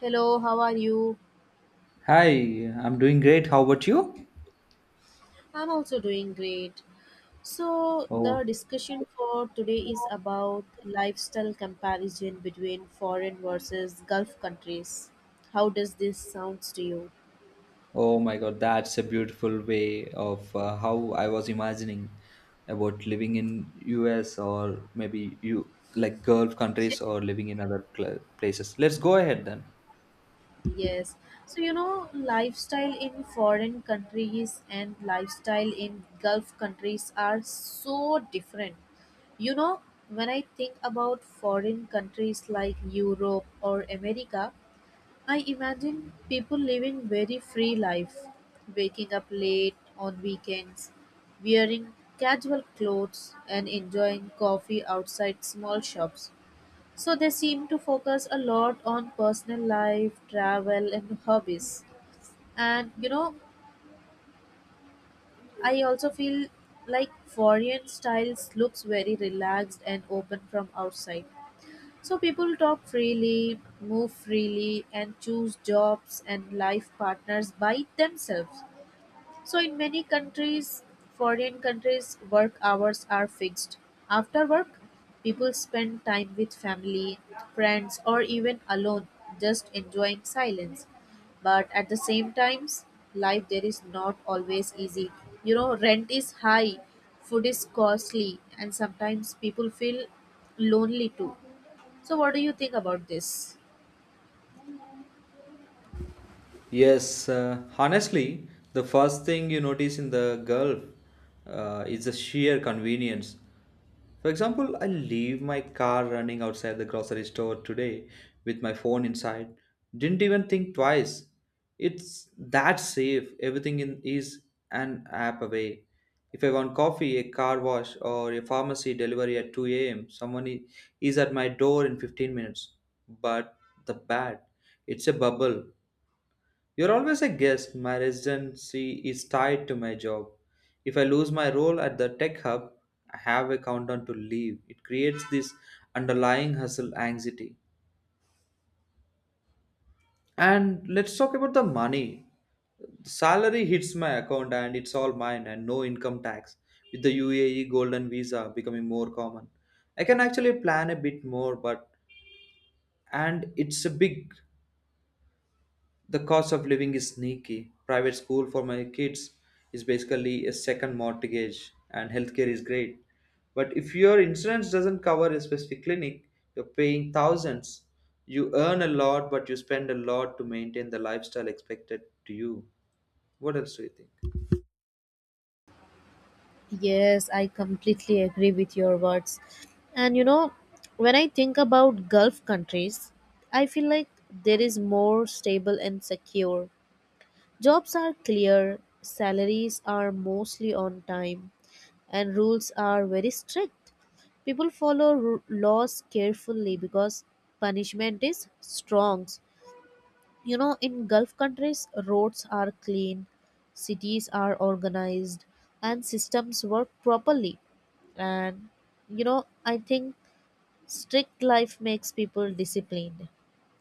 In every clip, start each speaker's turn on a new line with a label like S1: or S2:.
S1: Hello, how are you?
S2: Hi, I'm doing great. How about you?
S1: I'm also doing great. So, the
S2: Oh,
S1: discussion for today is about lifestyle comparison between foreign versus Gulf countries. How does this sounds to you?
S2: oh my God, that's a beautiful way of how I was imagining about living in US, or maybe you like Gulf countries or living in other places. Let's go ahead then.
S1: Yes. So, you know, lifestyle in foreign countries and lifestyle in Gulf countries are so different. You know, when I think about foreign countries like Europe or America, I imagine people living very free life, waking up late on weekends, wearing casual clothes and enjoying coffee outside small shops. So they seem to focus a lot on personal life, travel and hobbies. And you know, I also feel like foreign styles looks very relaxed and open from outside. So people talk freely, move freely, and choose jobs and life partners by themselves. So in many countries, foreign countries, work hours are fixed. After work, people spend time with family, friends, or even alone, just enjoying silence. But at the same times, life there is not always easy. You know, rent is high, food is costly, and sometimes people feel lonely too. So, what do you think about this?
S2: Yes, honestly, the first thing you notice in the Gulf is the sheer convenience. For example, I leave my car running outside the grocery store today with my phone inside. Didn't even think twice. It's that safe. Everything in is an app away. If I want coffee, a car wash, or a pharmacy delivery at 2 a.m., is at my door in 15 minutes. But the bad, it's a bubble, you're always a guest. My residency is tied to my job. If I lose my role at the tech hub, I have a countdown to leave. It creates this underlying hustle anxiety. And let's talk about the money. Salary hits my account and it's all mine, and no income tax. With the UAE golden visa becoming more common, I can actually plan a bit more. But and it's a big. The cost of living is sneaky. Private school for my kids is basically a second mortgage, and healthcare is great. But if your insurance doesn't cover a specific clinic, you're paying thousands. You earn a lot, but you spend a lot to maintain the lifestyle expected to you. What else do you think?
S1: Yes, I completely agree with your words. And you know, when I think about Gulf countries, I feel like there is more stable and secure. Jobs are clear, salaries are mostly on time, and rules are very strict. People follow laws carefully because punishment is strong. You know, in Gulf countries, roads are clean, cities are organized, and systems work properly. And, you know, I think strict life makes people disciplined,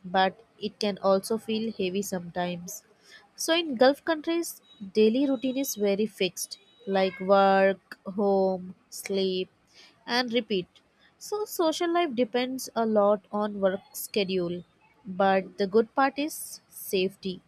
S1: but it can also feel heavy sometimes. So, in Gulf countries, daily routine is very fixed, like work, home, sleep, and repeat. So, social life depends a lot on work schedule, but the good part is safety.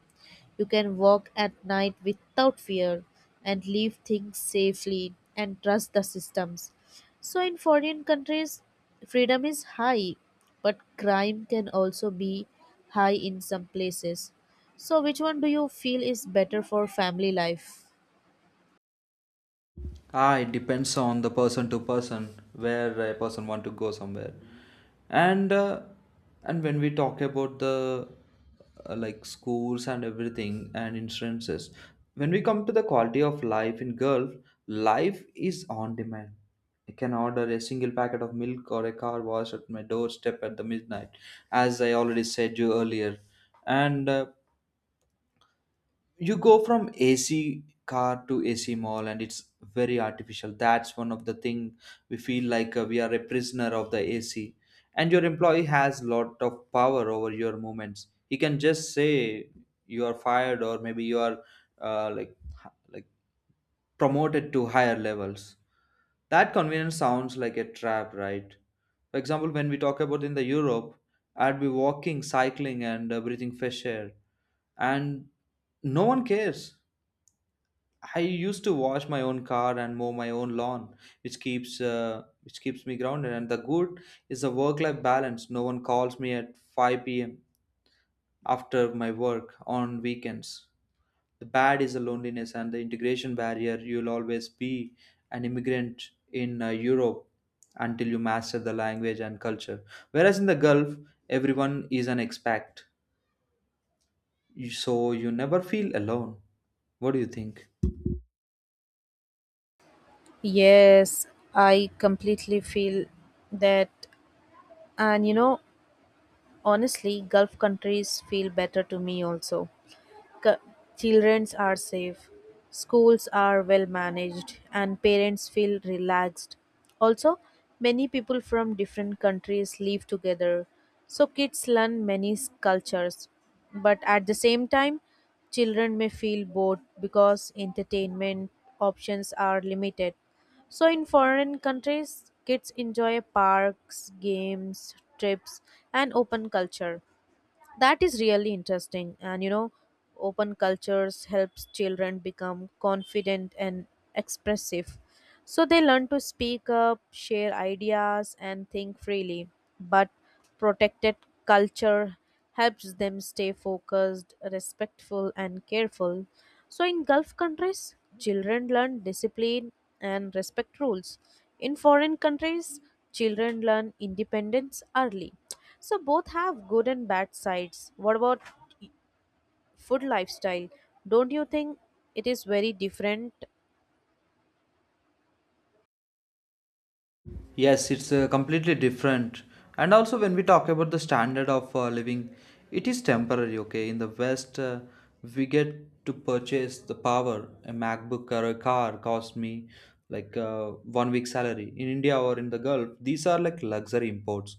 S1: You can walk at night without fear and leave things safely and trust the systems. So, in foreign countries, freedom is high, but crime can also be high in some places. So, which one do you feel is better for family life?
S2: Ah, it depends on the person to person, where a person want to go somewhere, and and when we talk about the like schools and everything and insurances, when we come to the quality of life in Gulf, life is on demand. I can order a single packet of milk or a car wash at my doorstep at the midnight, as I already said you earlier, and you go from AC car to AC mall and it's very artificial. That's one of the thing we feel like, we are a prisoner of the AC. And your employee has lot of power over your movements. He can just say you are fired, or maybe you are, uh, like, promoted to higher levels. That convenience sounds like a trap, right? For example, when we talk about in the Europe, I'd be walking, cycling, and breathing fresh air, and no one cares. I used to wash my own car and mow my own lawn, which keeps me grounded. And the good is the work-life balance. No one calls me at 5 p.m. after my work on weekends. The bad is the loneliness and the integration barrier. You'll always be an immigrant in Europe until you master the language and culture. Whereas in the Gulf, everyone is an expat, so you never feel alone. What do you think?
S1: Yes, I completely feel that. And you know, honestly, Gulf countries feel better to me also. C- Children are safe, schools are well managed, and parents feel relaxed. Also, many people from different countries live together, so kids learn many cultures. But at the same time, children may feel bored because entertainment options are limited. So in foreign countries, kids enjoy parks, games, trips, and open culture that is really interesting. And you know, open cultures helps children become confident and expressive, so they learn to speak up, share ideas and think freely. But protected culture helps them stay focused, respectful and careful. So in Gulf countries, children learn discipline and respect rules. In foreign countries, children learn independence early. So both have good and bad sides. What about food lifestyle? Don't you think it is very different?
S2: Yes, it's completely different. And also, when we talk about the standard of living, it is temporary, okay? In the West, we get to purchase the power. A MacBook or a car cost me like, 1 week salary. In India or in the Gulf, these are like luxury imports.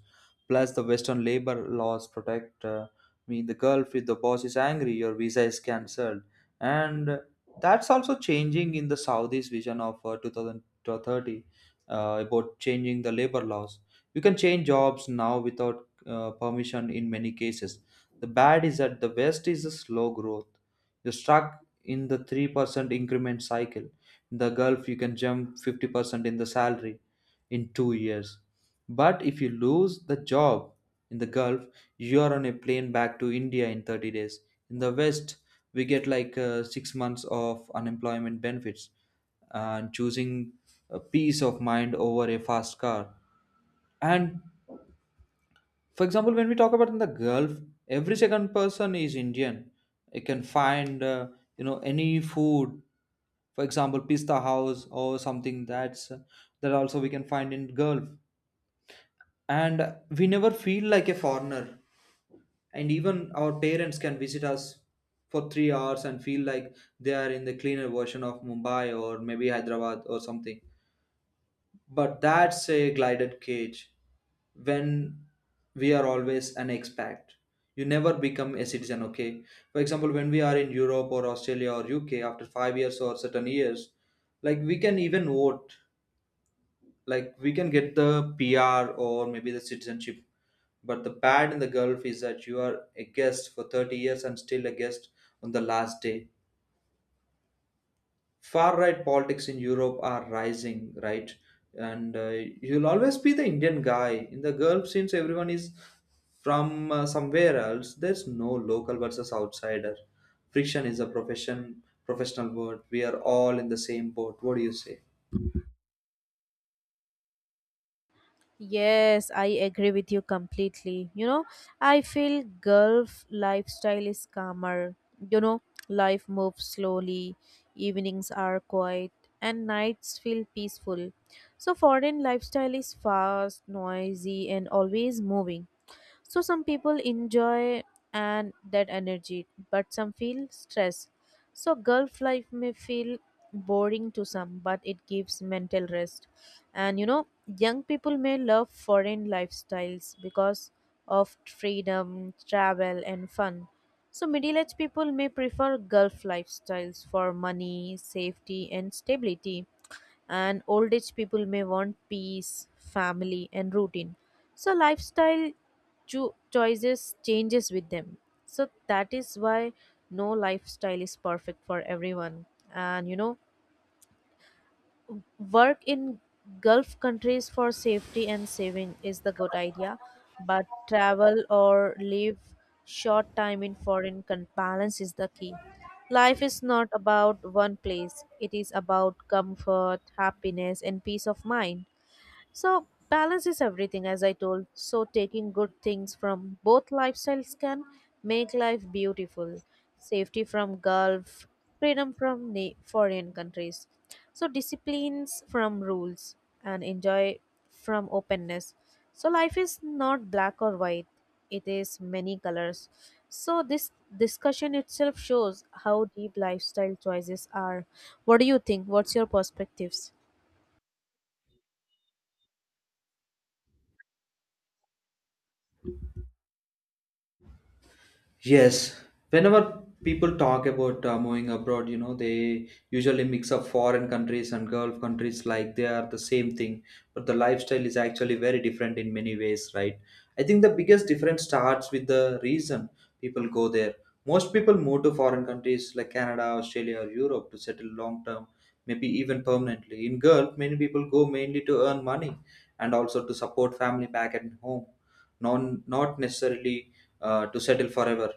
S2: Plus, the Western labor laws protect me in the Gulf. If the boss is angry, your visa is cancelled. And that's also changing in the Saudis' vision of, 2030, about changing the labor laws. You can change jobs now without permission in many cases. The bad is that the West is a slow growth. You're stuck in the 3% increment cycle. In the Gulf, you can jump 50% in the salary in 2 years. But if you lose the job in the Gulf, you are on a plane back to India in 30 days. In the West, we get like, 6 months of unemployment benefits and choosing a peace of mind over a fast car. And for example, when we talk about in the Gulf, every second person is Indian. You can find you know, any food, for example, pista house or something. That also we can find in Gulf, and we never feel like a foreigner. And even our parents can visit us for 3 hours and feel like they are in the cleaner version of Mumbai, or maybe Hyderabad or something. But that's a glided cage. When we are always an expat, you never become a citizen, okay? For example, when we are in Europe or Australia or UK after 5 years or certain years, like we can even vote, like we can get the PR or maybe the citizenship. But the bad in the Gulf is that you are a guest for 30 years and still a guest on the last day. Far right politics in Europe are rising, right? And you'll always be the Indian guy in the Gulf, since everyone is from somewhere else. There's no local versus outsider. Friction is a professional word. We are all in the same boat. What do you say?
S1: Yes, I agree with you completely. You know, I feel Gulf lifestyle is calmer. You know, life moves slowly, evenings are quiet, and nights feel peaceful. So, foreign lifestyle is fast, noisy, and always moving. So some people enjoy and that energy, but some feel stress. So golf life may feel boring to some, but it gives mental rest. And you know, young people may love foreign lifestyles because of freedom, travel and fun. So middle-aged people may prefer Gulf lifestyles for money, safety and stability, and old age people may want peace, family and routine. So lifestyle choices changes with them. So that is why no lifestyle is perfect for everyone. And you know, work in Gulf countries for safety and saving is the good idea, but travel or live short time in foreign balance is the key. Life is not about one place, it is about comfort, happiness and peace of mind. So, balance is everything, as I told. So, taking good things from both lifestyles can make life beautiful. Safety from Gulf, freedom from foreign countries. So, disciplines from rules, and enjoy from openness. So, life is not black or white, it is many colors. So, this discussion itself shows how deep lifestyle choices are. What do you think? What's your perspectives?
S2: Yes, whenever people talk about moving abroad, you know, they usually mix up foreign countries and Gulf countries like they are the same thing, but the lifestyle is actually very different in many ways, right? I think the biggest difference starts with the reason people go there. Most people move to foreign countries like Canada, Australia, or Europe to settle long term, maybe even permanently. In Gulf, many people go mainly to earn money and also to support family back at home, not necessarily to settle forever.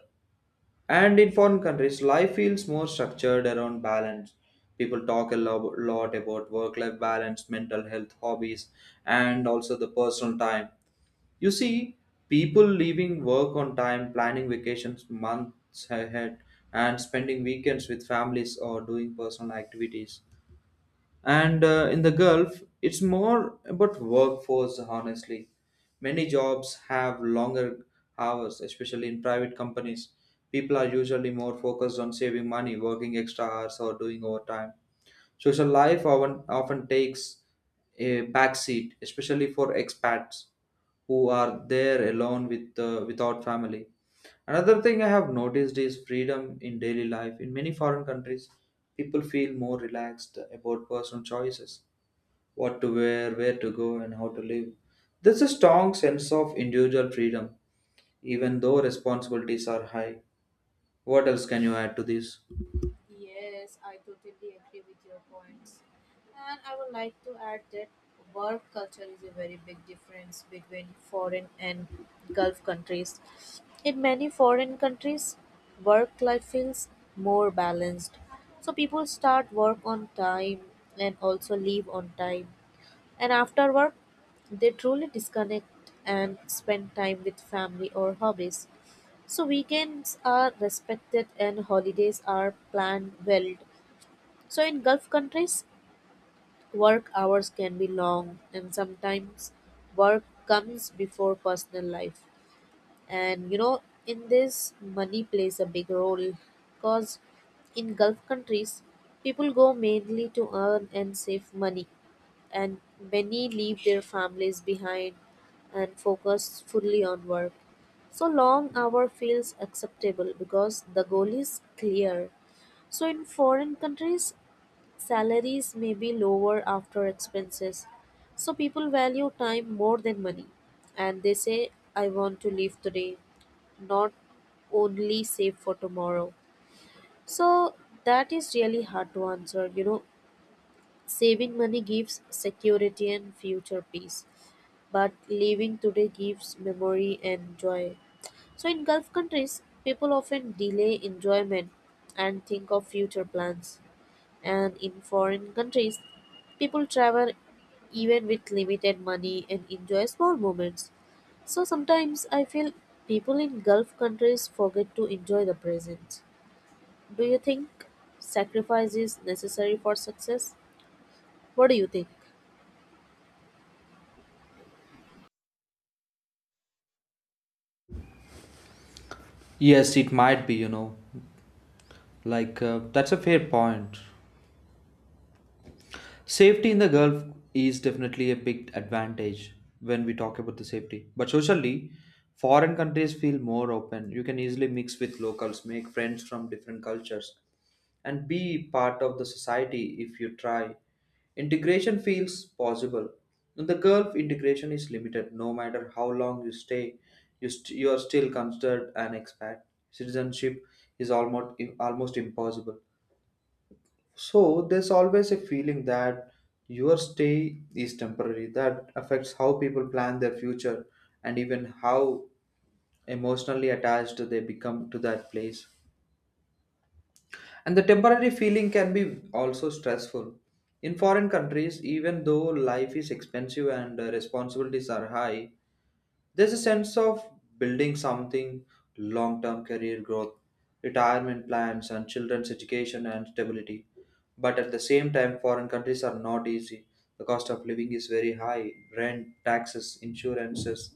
S2: And in foreign countries, life feels more structured around balance. People talk a lot about work life balance, mental health, hobbies, and also the personal time. You see, people leaving work on time, planning vacations months ahead, and spending weekends with families or doing personal activities. And in the Gulf it's more about workforce, honestly. Many jobs have longer hours, especially in private companies. People are usually more focused on saving money, working extra hours or doing overtime. Social life often takes a backseat, especially for expats who are there alone with without family. Another thing I have noticed is freedom in daily life. In many foreign countries, people feel more relaxed about personal choices: what to wear, where to go, and how to live. There's a strong sense of individual freedom, even though responsibilities are high. What else can you add to this?
S1: Yes, I totally agree with your points. And I would like to add that work culture is a very big difference between foreign and Gulf countries. In many foreign countries, work life feels more balanced. So people start work on time and also leave on time. And after work, they truly disconnect and spend time with family or hobbies. So weekends are respected and holidays are planned well. So in Gulf countries, work hours can be long and sometimes work comes before personal life. And you know, in this money plays a big role, because in Gulf countries people go mainly to earn and save money, and many leave their families behind and focus fully on work. So long hour feels acceptable because the goal is clear. So in foreign countries, salaries may be lower after expenses. So people value time more than money. And they say, I want to live today, not only save for tomorrow. So that is really hard to answer. You know, saving money gives security and future peace, but living today gives memory and joy. So, in Gulf countries, people often delay enjoyment and think of future plans. And in foreign countries, people travel even with limited money and enjoy small moments. So, sometimes I feel people in Gulf countries forget to enjoy the present. Do you think sacrifice is necessary for success? What do you think?
S2: Yes, it might be, you know. Like, that's a fair point. Safety in the Gulf is definitely a big advantage when we talk about the safety. But socially, foreign countries feel more open. You can easily mix with locals, make friends from different cultures, and be part of the society if you try. Integration feels possible. In the Gulf, integration is limited. No matter how long you stay, you are still considered an expat. Citizenship is almost impossible. So there's always a feeling that your stay is temporary. That affects how people plan their future and even how emotionally attached they become to that place. And the temporary feeling can be also stressful. In foreign countries, even though life is expensive and responsibilities are high, there's a sense of building something long term: career growth, retirement plans, and children's education and stability. But at the same time, foreign countries are not easy. The cost of living is very high: rent, taxes, insurances,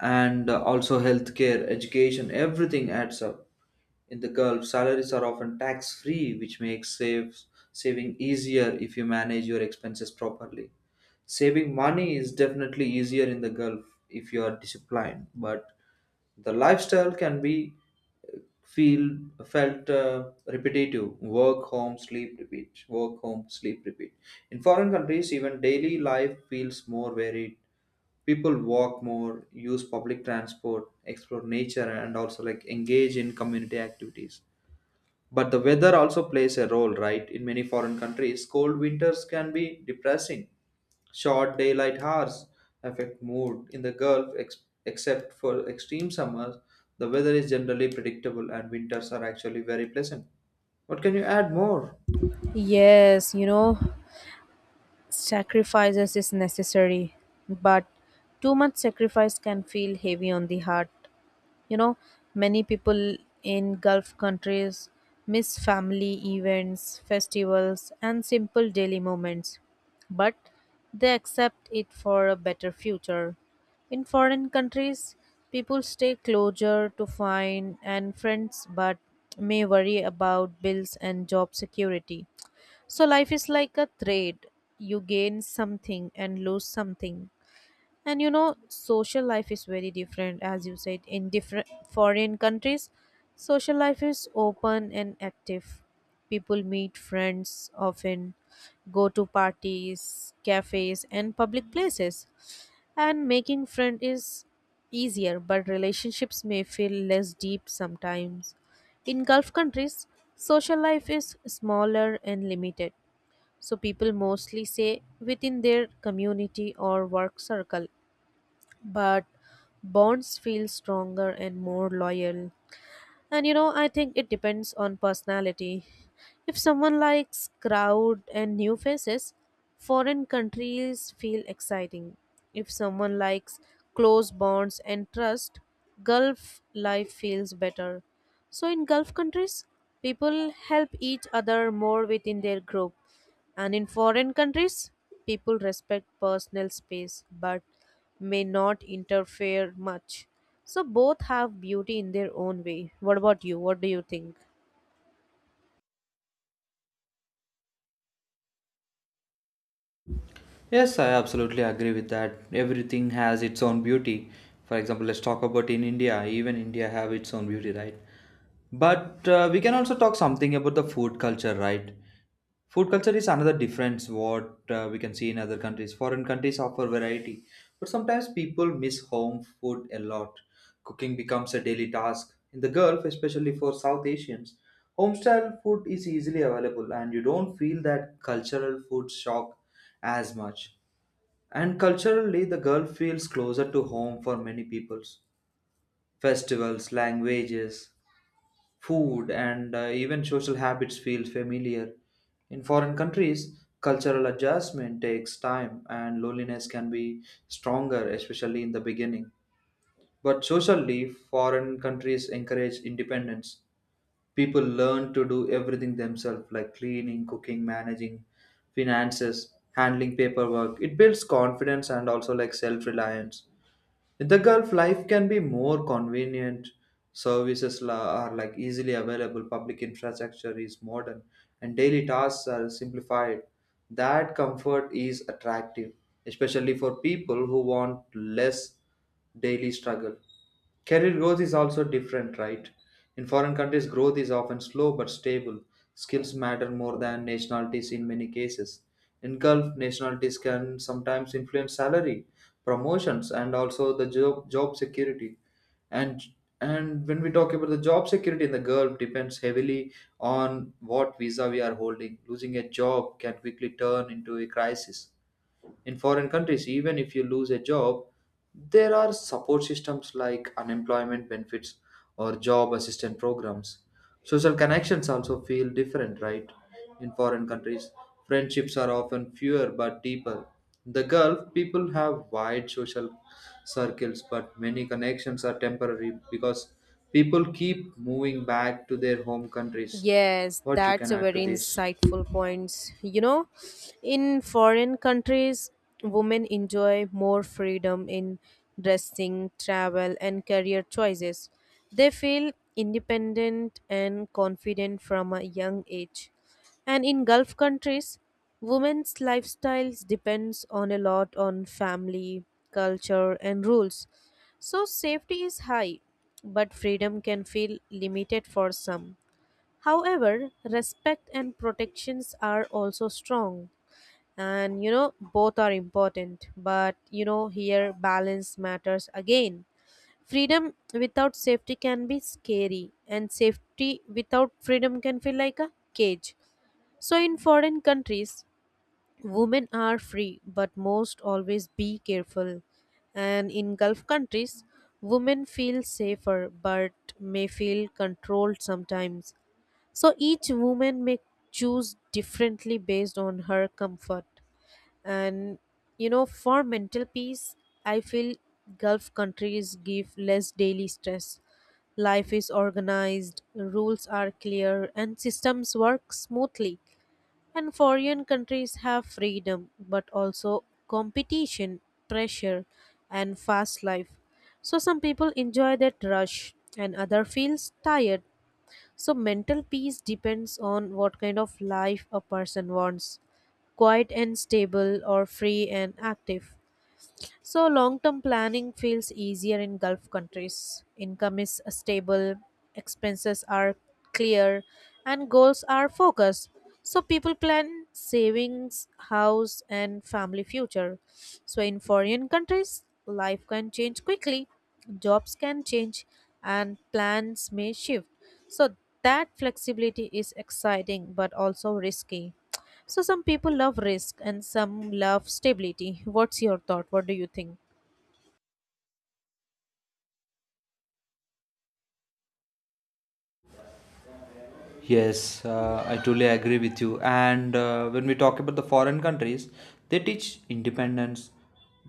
S2: and also healthcare, education, everything adds up. In the Gulf, salaries are often tax free, which makes saving easier if you manage your expenses properly. Saving money is definitely easier in the Gulf if you are disciplined, but the lifestyle can be, uh, feel felt repetitive: work home sleep repeat, work home sleep repeat. In foreign countries, even daily life feels more varied. People walk more, use public transport, explore nature, and also like engage in community activities. But the weather also plays a role, right? In many foreign countries, cold winters can be depressing. Short daylight hours affect mood. In the Gulf, except for extreme summers, the weather is generally predictable, and winters are actually very pleasant. What can you add more?
S1: Yes, you know, sacrifices is necessary, but too much sacrifice can feel heavy on the heart. You know, many people in Gulf countries miss family events, festivals, and simple daily moments, but they accept it for a better future. In foreign countries, people stay closer to find and friends, but may worry about bills and job security. So life is like a trade. You gain something and lose something. And you know, social life is very different, as you said, in different foreign countries. Social life is open and active. People meet friends often, go to parties, cafes, and public places. And making friend is easier, but relationships may feel less deep sometimes. In Gulf countries, social life is smaller and limited, so people mostly say within their community or work circle, but bonds feel stronger and more loyal. And you know, I think it depends on personality. If someone likes crowd and new faces, foreign countries feel exciting. If someone likes close bonds and trust, Gulf life feels better. So, in Gulf countries, people help each other more within their group. And in foreign countries, people respect personal space but may not interfere much. So both have beauty in their own way. What about you? What do you think?
S2: Yes, I absolutely agree with that. Everything has its own beauty. For example, let's talk about in India. Even India have its own beauty, right? But we can also talk something about the food culture, right? Food culture is another difference what we can see in other countries. Foreign countries offer variety, but sometimes people miss home food a lot. Cooking becomes a daily task. In the Gulf, especially for South Asians, homestyle food is easily available and you don't feel that cultural food shock as much. And culturally, the Gulf feels closer to home for many peoples. Festivals, languages, food, and even social habits feel familiar. In foreign countries, cultural adjustment takes time and loneliness can be stronger, especially in the beginning. But socially, foreign countries encourage independence. People learn to do everything themselves, like cleaning, cooking, managing finances, handling paperwork. It builds confidence and also like self reliance in the Gulf. Life can be more convenient. Services are like easily available. Public infrastructure is modern, and daily tasks are simplified. That comfort is attractive, especially for people who want less daily struggle. Career growth is also different, right? In foreign countries, growth is often slow but stable. Skills matter more than nationalities in many cases. In Gulf, nationalities can sometimes influence salary, promotions, and also the job security. And and when we talk about the job security in the Gulf, depends heavily on what visa we are holding. Losing a job can quickly turn into a crisis. In foreign countries, even if you lose a job, there are support systems like unemployment benefits or job assistance programs. Social connections also feel different, right? In foreign countries, friendships are often fewer but deeper. In the Gulf, people have wide social circles, but many connections are temporary because people keep moving back to their home countries.
S1: Yes,
S2: What you
S1: that's
S2: can
S1: a
S2: add to
S1: very
S2: this?
S1: insightful point. You know, in foreign countries, women enjoy more freedom in dressing, travel, and career choices. They feel independent and confident from a young age. And in Gulf countries, women's lifestyles depends on a lot on family, culture, and rules. So safety is high, but freedom can feel limited for some. However, respect and protections are also strong. And you know, both are important. But you know, here balance matters again. Freedom without safety can be scary, and safety without freedom can feel like a cage. So, in foreign countries, women are free, but most always be careful. And in Gulf countries, women feel safer but may feel controlled sometimes. So each woman may choose differently based on her comfort. And you know, for mental peace, I feel Gulf countries give less daily stress. Life is organized, rules are clear, and systems work smoothly. And foreign countries have freedom, but also competition, pressure, and fast life. So some people enjoy that rush, and other feels tired. So, mental peace depends on what kind of life a person wants, quiet and stable, or free and active. So, long term planning feels easier in Gulf countries. Income is stable, expenses are clear, and goals are focused. So, people plan savings, house, and family future. So, in foreign countries, life can change quickly, jobs can change, and plans may shift. So, that flexibility is exciting but also risky. So some people love risk and some love stability. What's your thought? What do you think?
S2: Yes, I truly agree with you. And when we talk about the foreign countries, they teach independence,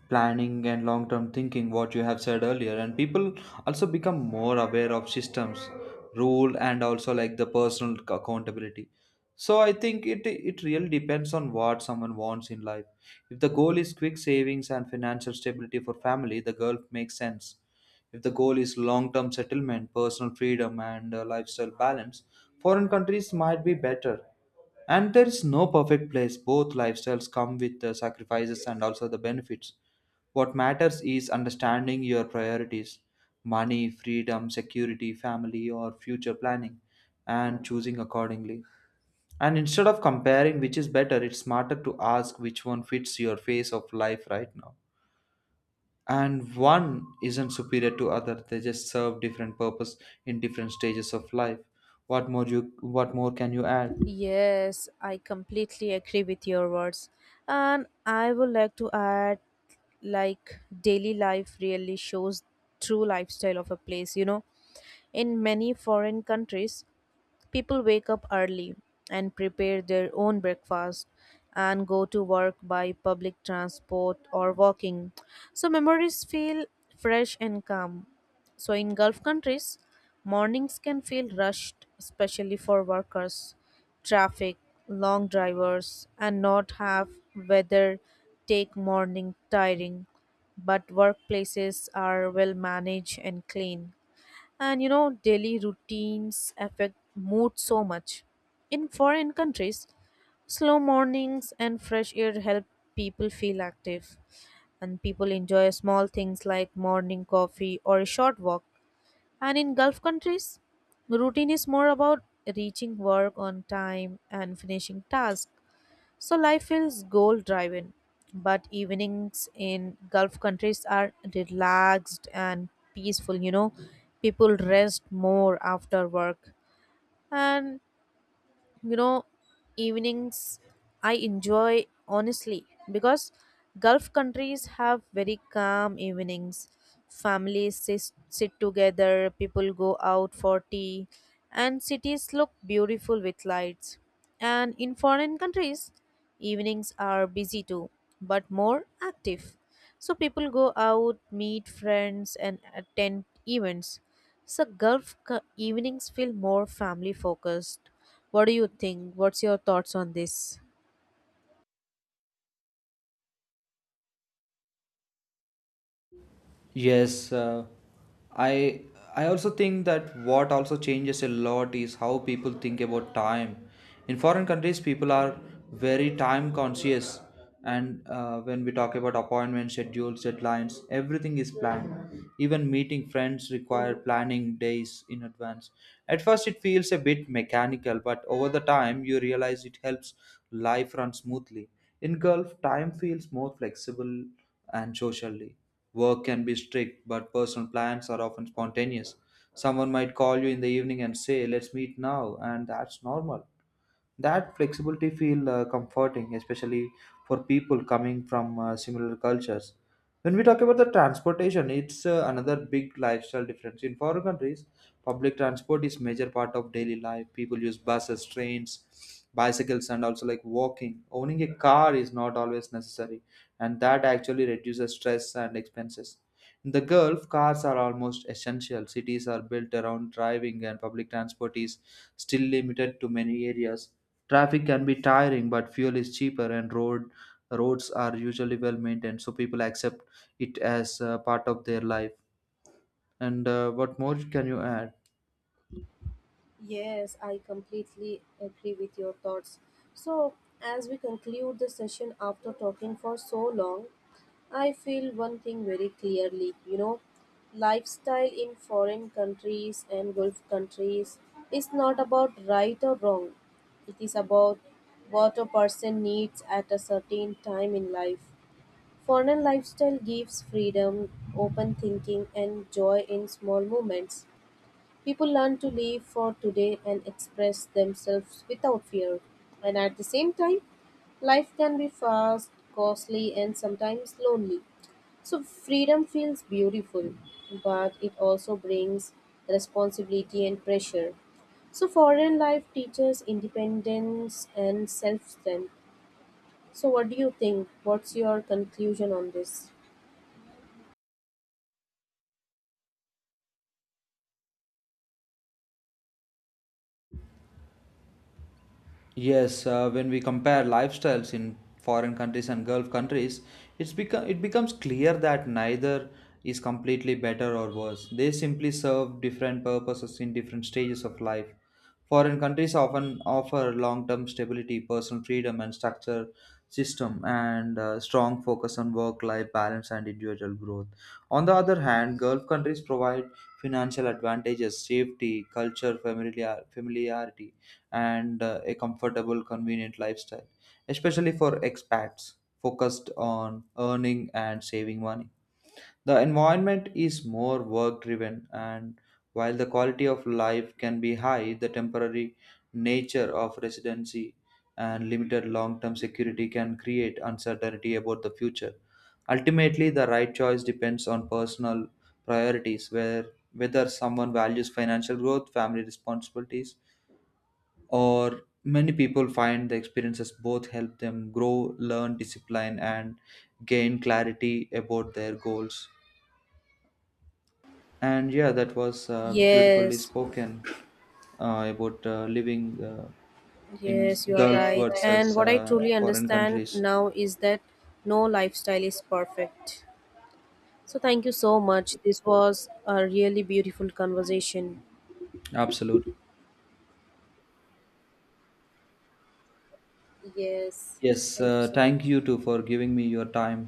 S2: planning, and long term thinking, what you have said earlier. And people also become more aware of systems, rule, and also like the personal accountability. So I think it really depends on what someone wants in life. If the goal is quick savings and financial stability for family, the goal makes sense. If the goal is long term settlement, personal freedom, and lifestyle balance, foreign countries might be better. And there is no perfect place. Both lifestyles come with the sacrifices and also the benefits. What matters is understanding your priorities: money, freedom, security, family, or future planning, and choosing accordingly. And instead of comparing which is better, it's smarter to ask which one fits your phase of life right now, and one isn't superior to other. They just serve different purpose in different stages of life. What more you what more can you add?
S1: Yes, I completely agree with your words. And I would like to add, like daily life really shows true lifestyle of a place, you know. In many foreign countries, people wake up early and prepare their own breakfast and go to work by public transport or walking. So memories feel fresh and calm. So in Gulf countries, mornings can feel rushed, especially for workers, traffic, long drivers, and not have weather take morning tiring. But workplaces are well managed and clean. And you know, daily routines affect mood so much. In foreign countries, slow mornings and fresh air help people feel active. And people enjoy small things like morning coffee or a short walk. And in Gulf countries, routine is more about reaching work on time and finishing tasks. So life feels goal driven, but evenings in Gulf countries are relaxed and peaceful, you know. People rest more after work. And you know, evenings I enjoy honestly, because Gulf countries have very calm evenings. Families sit together, people go out for tea, and cities look beautiful with lights. And in foreign countries, evenings are busy too, but more active, so people go out, meet friends and attend events. So evenings feel more family focused. What do you think? What's your thoughts on this?
S2: Yes, I I also think that what also changes a lot is how people think about time. In foreign countries, people are very time conscious, and when we talk about appointments, schedules, deadlines, everything is planned. Even meeting friends require planning days in advance. At first, it feels a bit mechanical, but over the time, you realize it helps life run smoothly. In Gulf, time feels more flexible and socially. Work can be strict, but personal plans are often spontaneous. Someone might call you in the evening and say, "Let's meet now," and that's normal. That flexibility feel comforting, especially for people coming from similar cultures. When we talk about the transportation, it's another big lifestyle difference. In foreign countries, public transport is major part of daily life. People use buses, trains, bicycles, and also like walking. Owning a car is not always necessary, and that actually reduces stress and expenses. In the Gulf, cars are almost essential. Cities are built around driving, and public transport is still limited to many areas. Traffic can be tiring, but fuel is cheaper and roads are usually well maintained, so people accept it as part of their life. And what more can you add?
S1: Yes, I completely agree with your thoughts. So, as we conclude the session after talking for so long, I feel one thing very clearly, you know, lifestyle in foreign countries and Gulf countries is not about right or wrong, it is about what a person needs at a certain time in life. Foreign lifestyle gives freedom, open thinking and joy in small moments. People learn to live for today and express themselves without fear. And at the same time, life can be fast, costly and sometimes lonely. So freedom feels beautiful, but it also brings responsibility and pressure. So foreign life teaches independence and self-strength. So what do you think? What's your conclusion on this?
S2: Yes, when we compare lifestyles in foreign countries and Gulf countries, it becomes clear that neither is completely better or worse. They simply serve different purposes in different stages of life. Foreign countries often offer long-term stability, personal freedom, and structure system, and strong focus on work-life balance and individual growth. On the other hand, Gulf countries provide financial advantages, safety, culture, familiarity, and a comfortable, convenient lifestyle, especially for expats focused on earning and saving money. The environment is more work driven, and while the quality of life can be high, the temporary nature of residency and limited long term security can create uncertainty about the future. Ultimately, the right choice depends on personal priorities, where whether someone values financial growth, family responsibilities, or many people find the experiences both help them grow, learn discipline, and gain clarity about their goals. And yeah, that was beautifully
S1: Yes,
S2: spoken about living in
S1: yes, you are
S2: Gulf. Yes,
S1: right. And
S2: versus
S1: what I truly
S2: foreign
S1: understand
S2: countries.
S1: now is that no lifestyle is perfect. So thank you so much. This was a really beautiful conversation.
S2: Absolutely.
S1: Yes,
S2: Yes,
S1: thank you so
S2: thank
S1: much.
S2: you too for giving me your time.